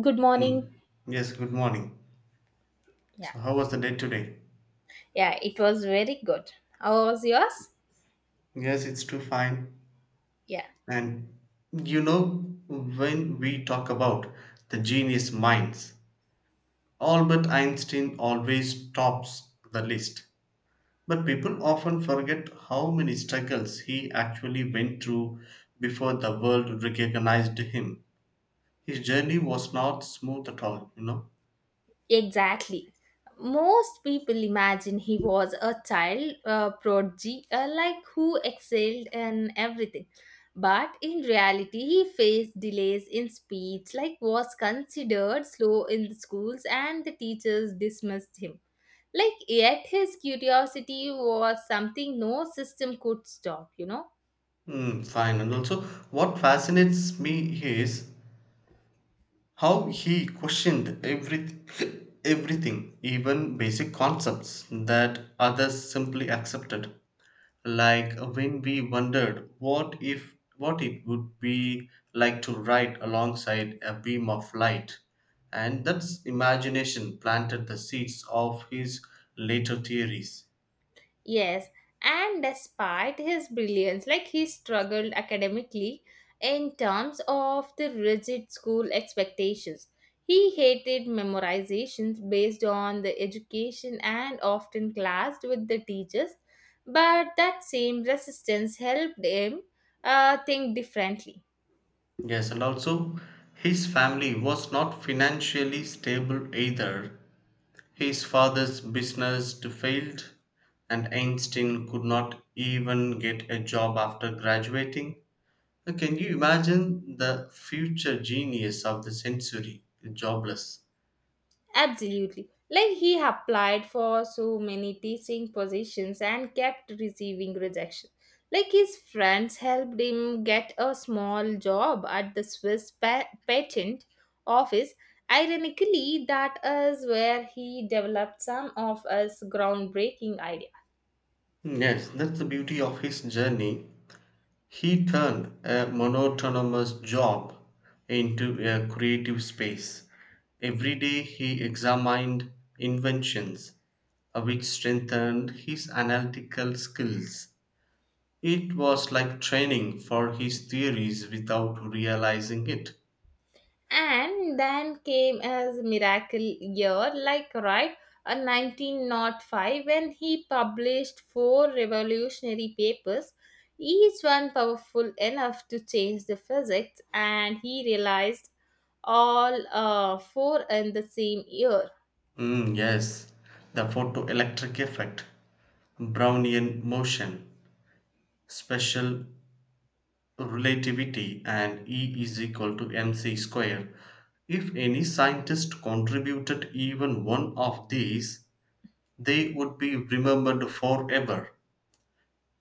Good morning. Mm. Yes, good morning. Yeah, So, how was the day today? yeah, it was very good. How was yours? Yes, it's too fine. Yeah, And you know, when we talk about the genius minds, Albert Einstein always tops the list. But people often forget how many struggles he actually went through before the world recognized him. His journey was not smooth at all. exactly. Most people imagine he was a child prodigy, like who excelled in everything. But in reality, he faced delays in speech, like was considered slow in the schools, and the teachers dismissed him. Like, yet his curiosity was something no system could stop, you know? Mm, fine. And also, what fascinates me is how he questioned everything, everything, even basic concepts that others simply accepted. Like when we wondered what if what it would be like to ride alongside a beam of light, and that's imagination planted the seeds of his later theories. Yes, and despite his brilliance, like he struggled academically in terms of the rigid school expectations. He hated memorizations based on the education and often clashed with the teachers, but that same resistance helped him think differently. Yes, and also his family was not financially stable either. His father's business failed and Einstein could not even get a job after graduating. Can you imagine the future genius of the century, jobless? Absolutely. Like he applied for so many teaching positions and kept receiving rejection. Like his friends helped him get a small job at the Swiss patent office. Ironically, that is where he developed some of his groundbreaking ideas. Yes, that's the beauty of his journey. He turned a monotonous job into a creative space. Every day he examined inventions, which strengthened his analytical skills. It was like training for his theories without realizing it. And then came his miracle year, like right, a 1905, when he published four revolutionary papers, each one powerful enough to change the physics, and he realized all four in the same year. Mm, yes, the photoelectric effect, Brownian motion, special relativity, and E is equal to mc square. If any scientist contributed even one of these, they would be remembered forever.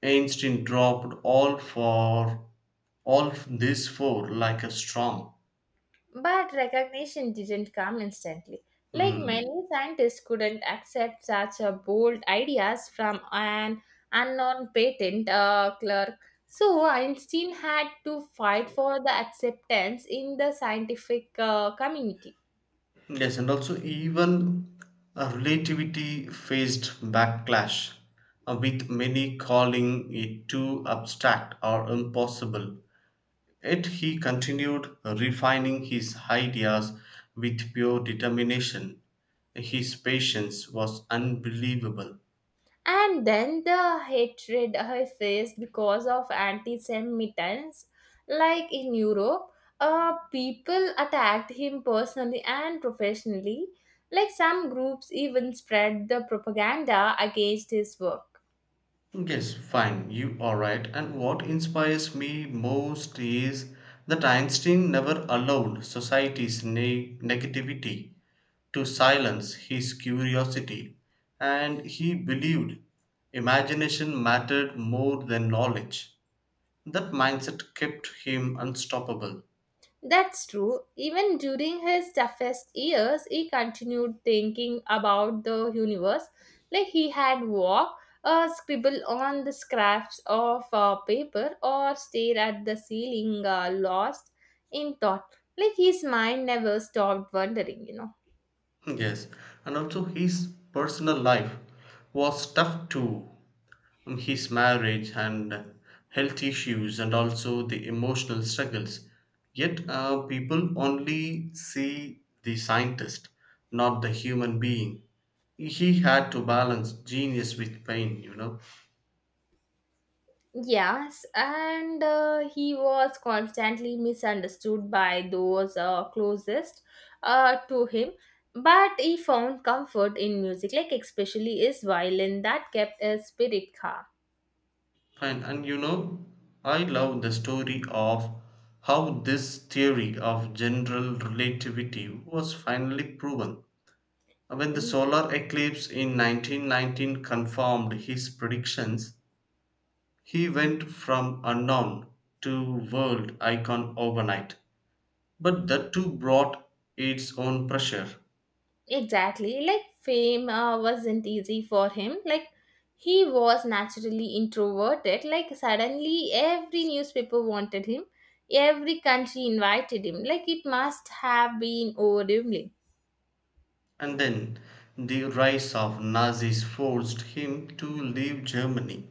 Einstein dropped all for all these four like a storm. But recognition didn't come instantly. Like many Hmm. scientists couldn't accept such a bold ideas from an unknown patent clerk. So Einstein had to fight for the acceptance in the scientific community. Yes, and also even a relativity faced backlash, with many calling it too abstract or impossible. Yet he continued refining his ideas with pure determination. His patience was unbelievable. And then the hatred I faced because of anti Semitism, like in Europe, people attacked him personally and professionally. Like some groups even spread the propaganda against his work. Yes, fine, you are right. And what inspires me most is that Einstein never allowed society's negativity to silence his curiosity, and he believed imagination mattered more than knowledge. That mindset kept him unstoppable. That's true. Even during his toughest years, he continued thinking about the universe. Like he had walk, scribble on the scraps of paper, or stare at the ceiling, lost in thought. Like his mind never stopped wondering. Yes, and also his personal life was tough too. His marriage and health issues and also the emotional struggles, yet people only see the scientist, not the human being. He had to balance genius with pain. Yes, and he was constantly misunderstood by those closest to him. But he found comfort in music, like especially his violin that kept his spirit calm. Pain, and I love the story of how this theory of general relativity was finally proven when the Mm, solar eclipse in 1919 confirmed his predictions. He went from unknown to world icon overnight. But that too brought its own pressure. exactly, like fame wasn't easy for him. Like he was naturally introverted. Like suddenly, every newspaper wanted him, every country invited him. Like it must have been overwhelming. And then the rise of Nazis forced him to leave Germany.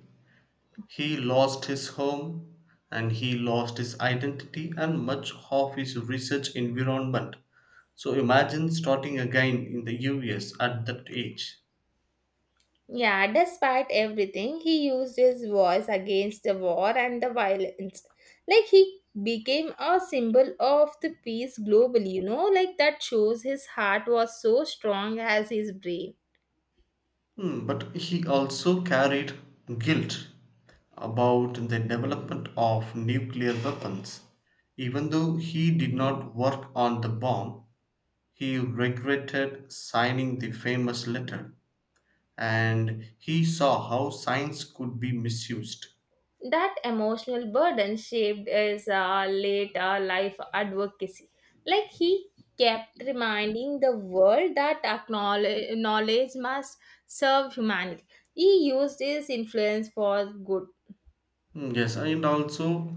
He lost his home and he lost his identity and much of his research environment. So imagine starting again in the US at that age. Yeah, despite everything, he used his voice against the war and the violence. Like he became a symbol of the peace globally, like that shows his heart was so strong as his brain. But he also carried guilt about the development of nuclear weapons. Even though he did not work on the bomb, he regretted signing the famous letter and he saw how science could be misused. That emotional burden shaped his later life advocacy. Like he kept reminding the world that knowledge must serve humanity. He used his influence for good. Hmm, yes, and also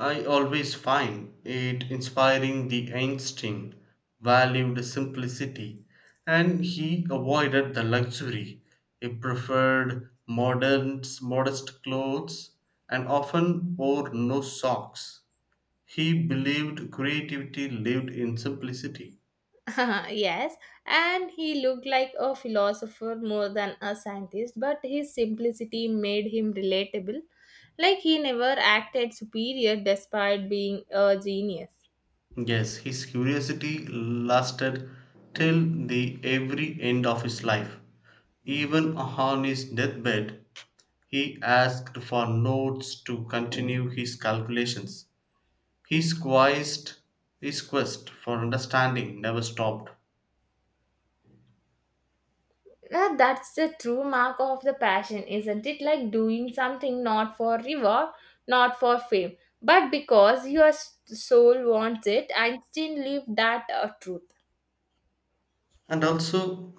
I always find it inspiring the Einstein valued simplicity and he avoided the luxury. He preferred modern, modest clothes and often wore no socks. He believed creativity lived in simplicity. Yes, and he looked like a philosopher more than a scientist, but his simplicity made him relatable. Like he never acted superior despite being a genius. Yes, his curiosity lasted till the every end of his life. Even on his deathbed, he asked for notes to continue his calculations. His quest, his quest for understanding never stopped. Yeah, that's the true mark of the passion, isn't it? Like doing something not for reward, not for fame, but because your soul wants it. Einstein lived that truth. And also,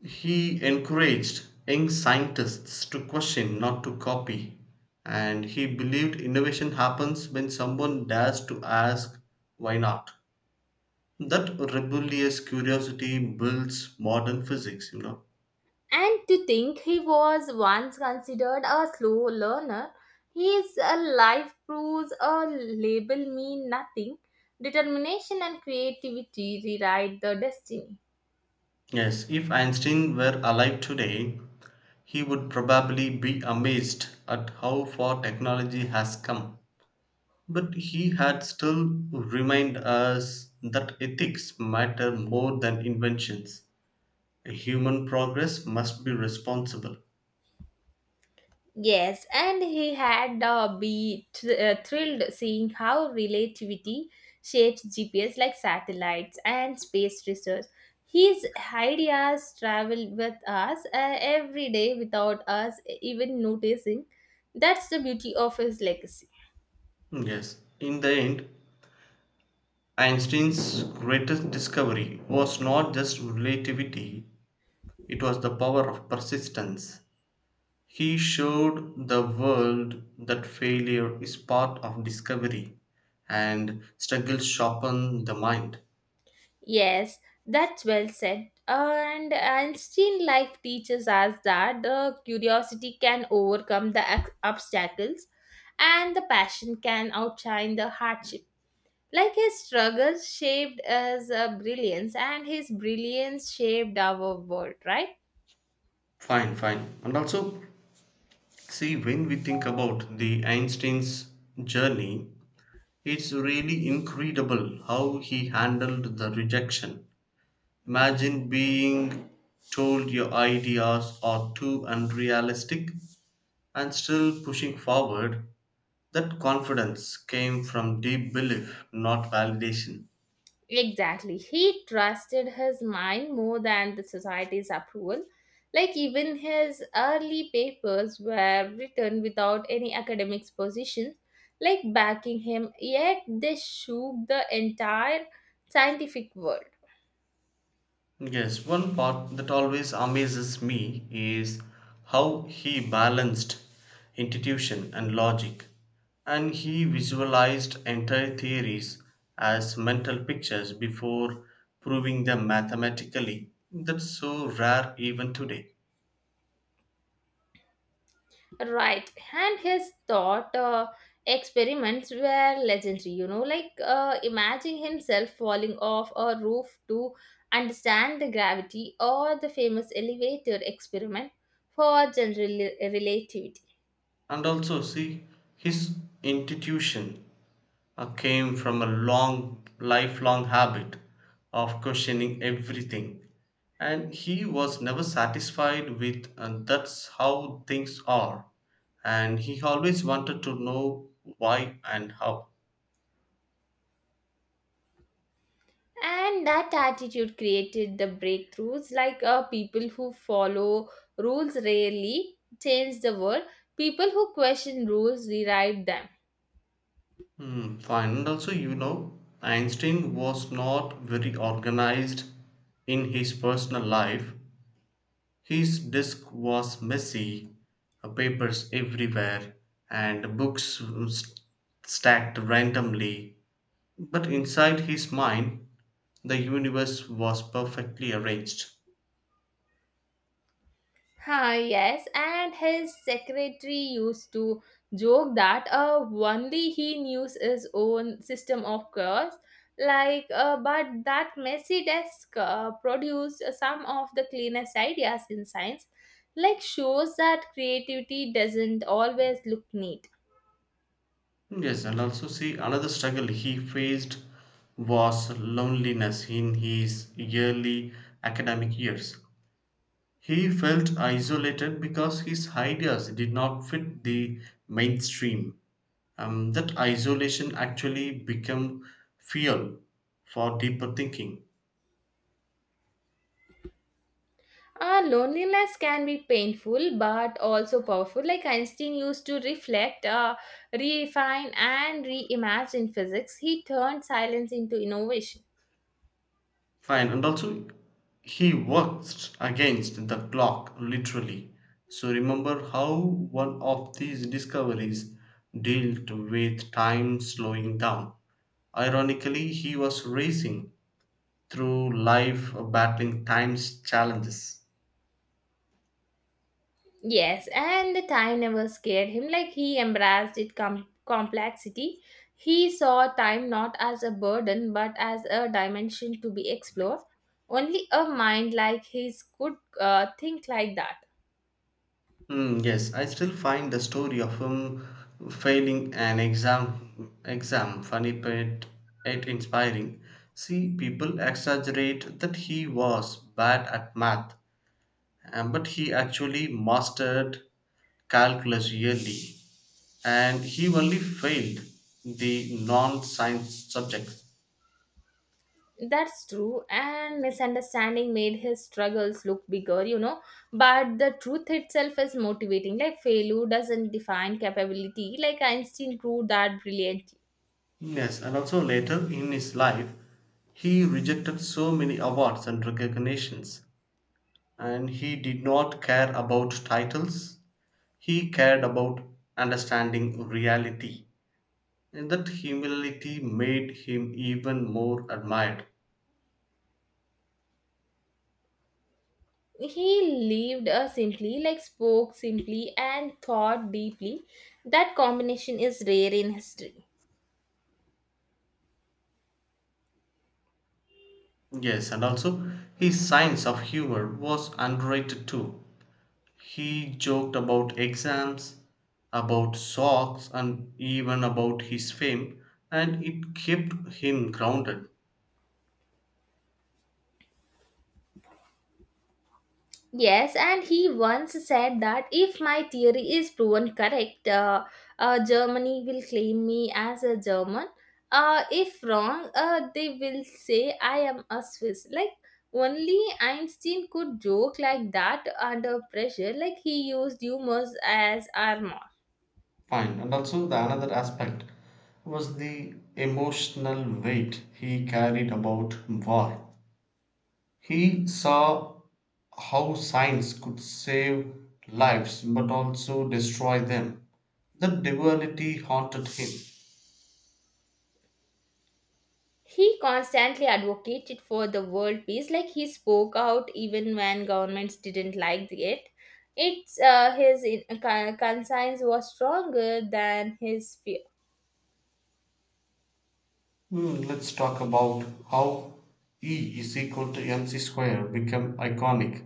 he encouraged young scientists to question, not to copy. And he believed innovation happens when someone dares to ask, why not? That rebellious curiosity builds modern physics. And to think he was once considered a slow learner, his life proves a label mean nothing. Determination and creativity rewrite the destiny. Yes, if Einstein were alive today, he would probably be amazed at how far technology has come. But he had still remind us that ethics matter more than inventions. Human progress must be responsible. Yes, and he had thrilled seeing how relativity shapes GPS like satellites and space research. His ideas travel with us every day without us even noticing. That's the beauty of his legacy. Yes, in the end, Einstein's greatest discovery was not just relativity. It was the power of persistence. He showed the world that failure is part of discovery and struggles sharpen the mind. Yes, that's well said. And Einstein life teaches us that the curiosity can overcome the obstacles and the passion can outshine the hardship. Like his struggles shaped his brilliance, and his brilliance shaped our world, right? Fine, fine. And also, see, when we think about the Einstein's journey, it's really incredible how he handled the rejection. Imagine being told your ideas are too unrealistic and still pushing forward. That confidence came from deep belief, not validation. Exactly. He trusted his mind more than the society's approval. Like, even his early papers were written without any academic position, like backing him, yet they shook the entire scientific world. Yes, one part that always amazes me is how he balanced intuition and logic, and he visualized entire theories as mental pictures before proving them mathematically. That's so rare even today. Right, and his thought experiments were legendary, like imagining himself falling off a roof to understand the gravity, or the famous elevator experiment for general relativity. And also, see, his intuition came from a long, lifelong habit of questioning everything. And he was never satisfied with, and that's how things are. And he always wanted to know why and how. And that attitude created the breakthroughs, like people who follow rules rarely change the world, people who question rules rewrite them. Hmm, fine. And also, Einstein was not very organized in his personal life. His desk was messy, papers everywhere, and books st- stacked randomly. But inside his mind, the universe was perfectly arranged. Ha, yes, and his secretary used to joke that only he knew his own system of cures. Like, but that messy desk produced some of the cleanest ideas in science, like shows that creativity doesn't always look neat. Yes, and also see another struggle he faced was loneliness in his early academic years. He felt isolated because his ideas did not fit the mainstream. That isolation actually become fuel for deeper thinking. Loneliness can be painful but also powerful. Like Einstein used to reflect, refine, and reimagine physics, he turned silence into innovation. Fine. And also, he works against the clock literally. So remember how one of these discoveries dealt with time slowing down. Ironically, he was racing through life battling time's challenges. Yes, and the time never scared him. Like he embraced its complexity. He saw time not as a burden but as a dimension to be explored. Only a mind like his could think like that. Mm, yes, I still find the story of him failing an exam funny but it inspiring. See, people exaggerate that he was bad at math, but he actually mastered calculus yearly, and he only failed the non-science subjects. That's true, and misunderstanding made his struggles look bigger. But the truth itself is motivating. Like failure doesn't define capability, like Einstein proved that brilliantly. Yes, and also later in his life, he rejected so many awards and recognitions and he did not care about titles. He cared about understanding reality, and that humility made him even more admired. He lived a simply, like spoke simply and thought deeply. That combination is rare in history. Yes, and also his sense of humor was underrated too. He joked about exams, about socks, and even about his fame, and it kept him grounded. Yes, and he once said that if my theory is proven correct, Germany will claim me as a German. If wrong, they will say I am a Swiss. Like only Einstein could joke like that under pressure. Like he used humor as armor. Fine. And also, the another aspect was the emotional weight he carried about war. He saw how science could save lives but also destroy them. The duality haunted him. He constantly advocated for the world peace, like he spoke out even when governments didn't like it. It's his conscience was stronger than his fear. Let's talk about how E is equal to mc square become iconic.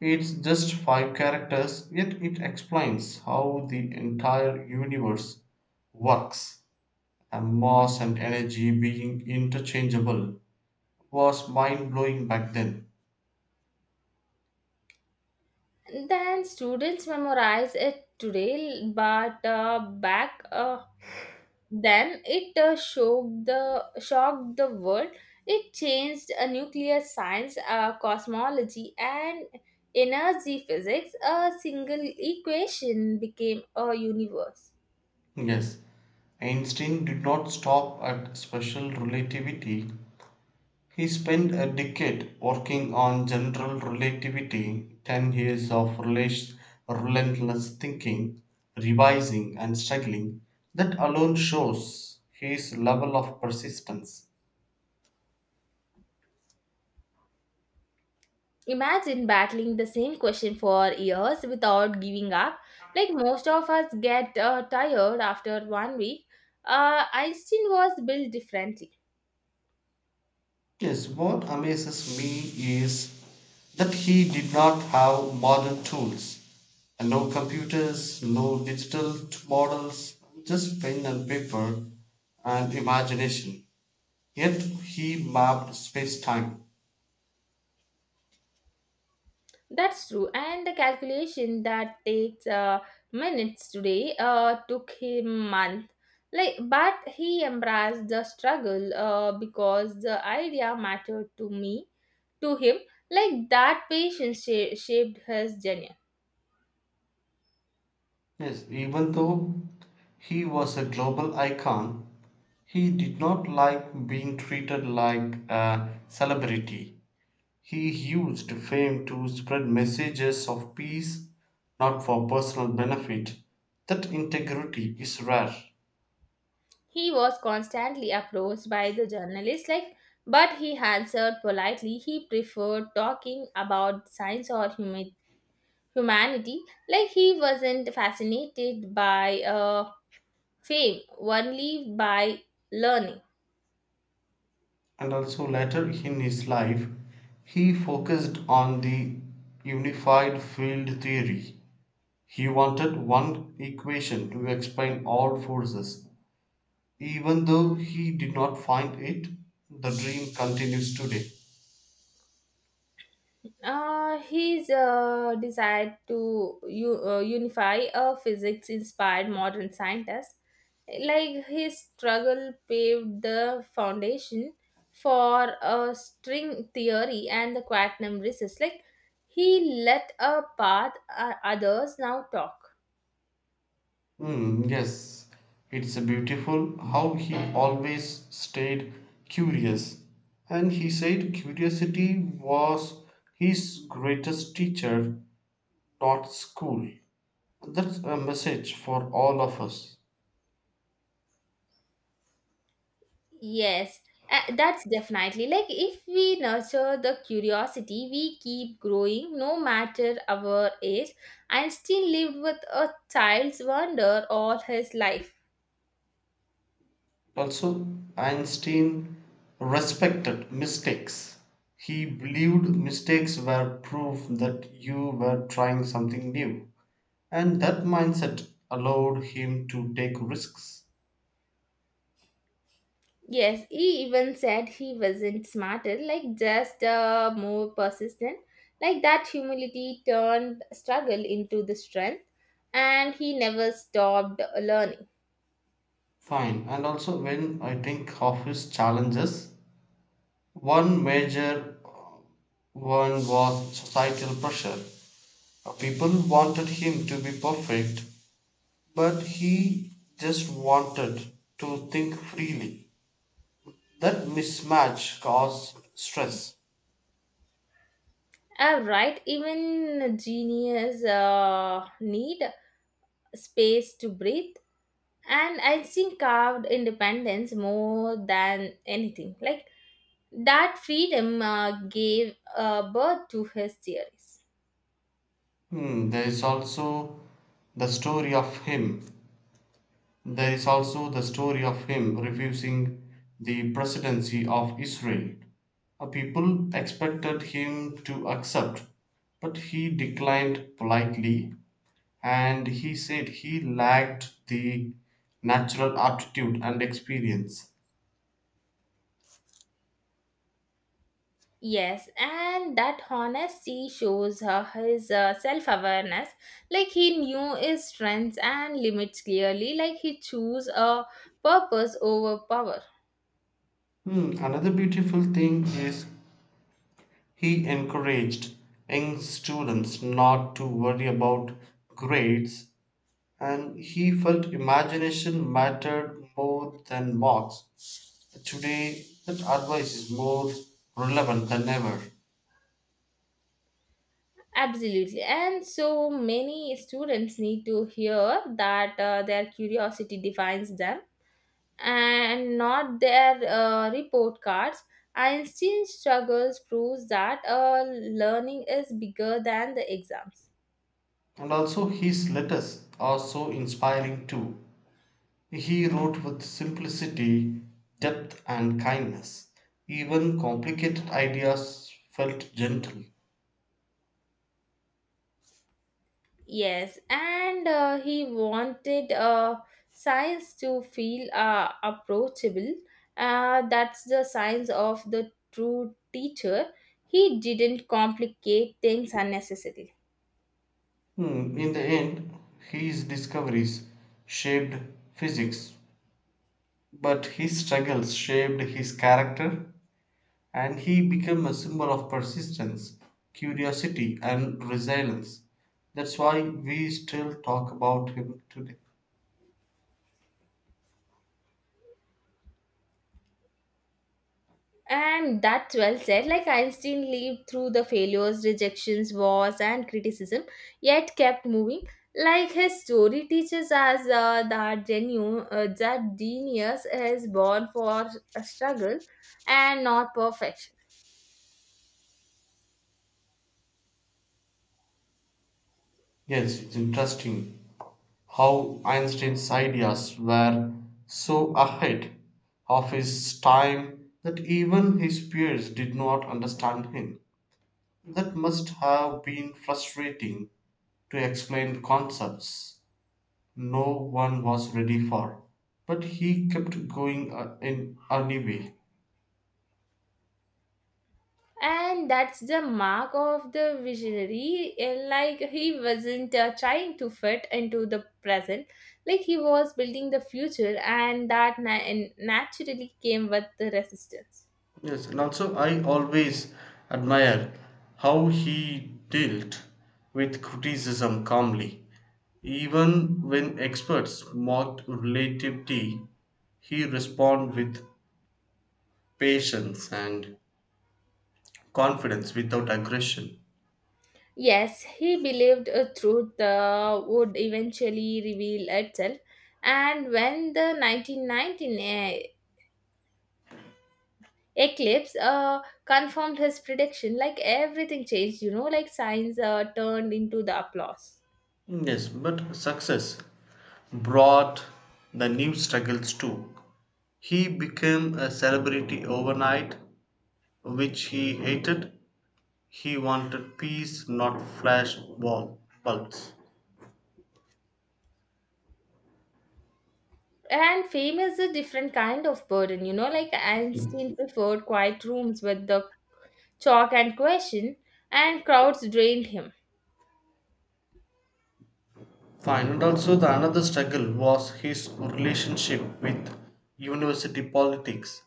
It's just five characters, yet it explains how the entire universe works. And mass and energy being interchangeable was mind blowing back then. Then students memorize it today, but back Then it shocked the world. It changed nuclear science, cosmology, and energy physics. A single equation became a universe. Yes, Einstein did not stop at special relativity. He spent a decade working on general relativity, 10 years of relentless thinking, revising, and struggling. That alone shows his level of persistence. Imagine battling the same question for years without giving up. Like most of us get tired after one week. Einstein was built differently. Yes, what amazes me is that he did not have modern tools and no computers, no digital models, just pen and paper and imagination. Yet he mapped space time. That's true. And the calculation that takes minutes today took him months. Like, but he embraced the struggle because the idea mattered to him. Like that patience shaped his journey. Yes, even though he was a global icon, he did not like being treated like a celebrity. He used fame to spread messages of peace, not for personal benefit. That integrity is rare. He was constantly approached by the journalists, like, but he answered politely. He preferred talking about science or humanity. Like he wasn't fascinated by fame only by learning. And also, later in his life, he focused on the unified field theory. He wanted one equation to explain all forces. Even though he did not find it, the dream continues today. His desire to unify a physics inspired modern scientist, like his struggle, paved the foundation for a string theory and the quantum resist. Like he let a path others now talk. Mm, yes, it's beautiful how he always stayed curious. And he said curiosity was his greatest teacher, not school. That's a message for all of us. Yes, that's definitely like if we nurture the curiosity, we keep growing no matter our age and still live with a child's wonder all his life. Also, Einstein respected mistakes. He believed mistakes were proof that you were trying something new. And that mindset allowed him to take risks. Yes, he even said he wasn't smarter, like just more persistent. Like that humility turned struggle into the strength, and he never stopped learning. Fine. And also, when I think of his challenges, one major one was societal pressure. People wanted him to be perfect, but he just wanted to think freely. That mismatch caused stress. Right, even genius need space to breathe, and I think carved independence more than anything. Like that freedom gave birth to his theories. Hmm, there is also the story of him There is also the story of him refusing the presidency of Israel. People expected him to accept, but he declined politely and he said he lacked the natural aptitude and experience. Yes, and that honesty shows his self-awareness. Like he knew his strengths and limits clearly. Like he chose a purpose over power. Another beautiful thing is he encouraged young students not to worry about grades and he felt imagination mattered more than marks. Today, that advice is more relevant than ever. Absolutely, and so many students need to hear that their curiosity defines them and not their report cards. Einstein's struggles proves that learning is bigger than the exams. And also, his letters are so inspiring too. He wrote with simplicity, depth, and kindness. Even complicated ideas felt gentle. Yes, and he wanted science to feel approachable. That's the signs of the true teacher. He didn't complicate things unnecessarily. In the end, his discoveries shaped physics, but his struggles shaped his character and he became a symbol of persistence, curiosity, and resilience. That's why we still talk about him today. And that's well said. Like Einstein lived through the failures, rejections, wars, and criticism, yet kept moving. Like his story teaches us that that genius is born for a struggle and not perfection. Yes, it's interesting how Einstein's ideas were so ahead of his time that even his peers did not understand him. That must have been frustrating to explain concepts no one was ready for. But he kept going in anyway. And that's the mark of the visionary. And like he wasn't trying to fit into the present, like he was building the future, and naturally came with the resistance. Yes, and also I always admire how he dealt with criticism calmly. Even when experts mocked relativity, he responded with patience and confidence without aggression. Yes, he believed a truth would eventually reveal itself, and when the 1919 eclipse confirmed his prediction, like everything changed, like signs turned into the applause. Yes, but success brought the new struggles too. He became a celebrity overnight, which he hated. He wanted peace, not flash wall bulbs. And fame is a different kind of burden, like Einstein preferred quiet rooms with the chalk and question, and crowds drained him. Fine. And also, the another struggle was his relationship with university politics.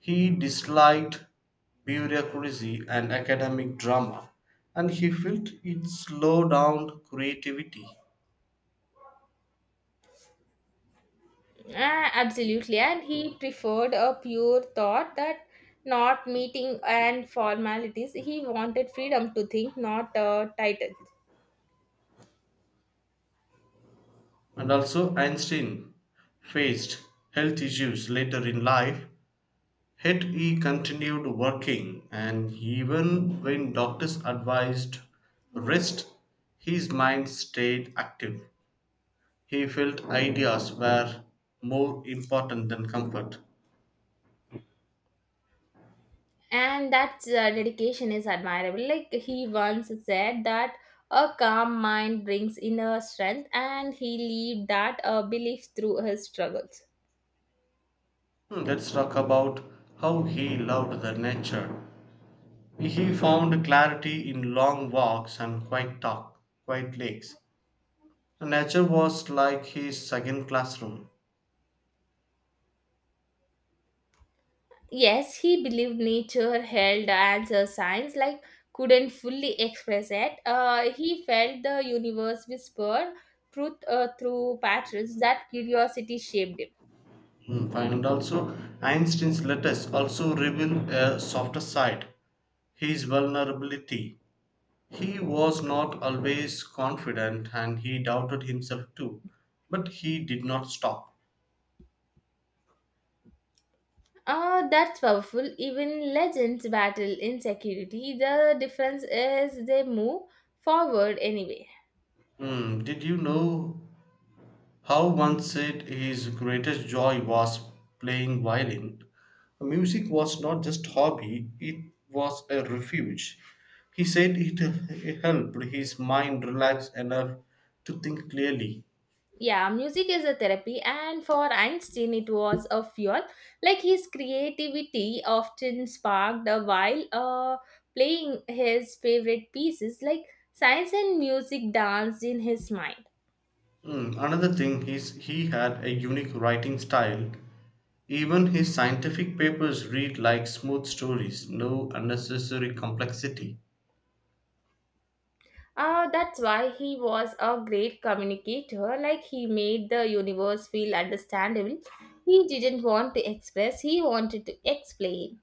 He disliked bureaucracy and academic drama, and he felt it slowed down creativity. Ah, absolutely. And he preferred a pure thought that not meeting and formalities. He wanted freedom to think, not a title. And also, Einstein faced health issues later in life, yet he continued working, and even when doctors advised rest, his mind stayed active. He felt ideas were more important than comfort. And that dedication is admirable. Like he once said that a calm mind brings inner strength, and he lived that belief through his struggles. Let's talk about how he loved the nature. He found clarity in long walks and quiet lakes. Nature was like his second classroom. Yes, he believed nature held as a science, like couldn't fully express it. He felt the universe whisper truth through patterns that curiosity shaped him. Hmm, fine. And also, Einstein's letters also reveal a softer side, his vulnerability. He was not always confident and he doubted himself too, but he did not stop. That's powerful. Even legends battle insecurity. The difference is they move forward anyway. Did you know how one said his greatest joy was playing violin? Music was not just hobby, it was a refuge. He said it helped his mind relax enough to think clearly. Yeah, music is a therapy, and for Einstein it was a fuel. Like his creativity often sparked while playing his favorite pieces, like science and music danced in his mind. Another thing is he had a unique writing style. Even his scientific papers read like smooth stories, no unnecessary complexity. That's why he was a great communicator. Like he made the universe feel understandable. He didn't want to express, he wanted to explain.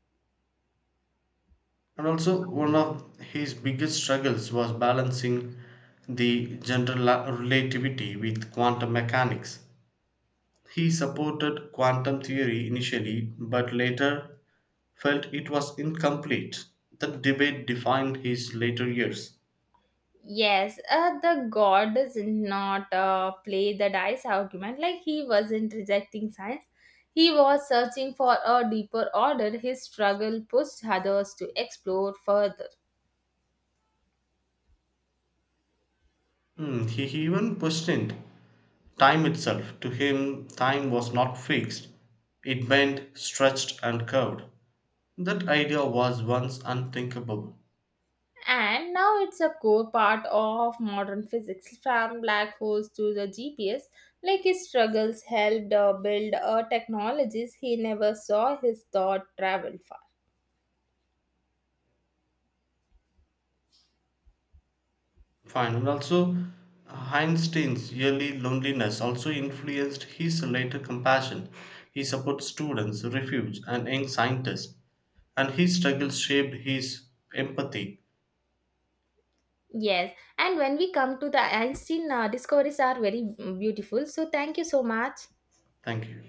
And also, one of his biggest struggles was balancing the general relativity with quantum mechanics. He supported quantum theory initially, but later felt it was incomplete. That debate defined his later years. Yes, the god does not play the dice argument. Like he wasn't rejecting science, he was searching for a deeper order. His struggle pushed others to explore further. He even questioned time itself. To him, time was not fixed, it bent, stretched, and curved. That idea was once unthinkable. And now it's a core part of modern physics, from black holes to the GPS. Like his struggles helped build technologies he never saw. His thought travel far. Fine. And also, Einstein's early loneliness also influenced his later compassion. He supports students, refuge, and young scientists, and his struggles shaped his empathy. Yes, and when we come to the Einstein discoveries are very beautiful. So thank you so much. Thank you.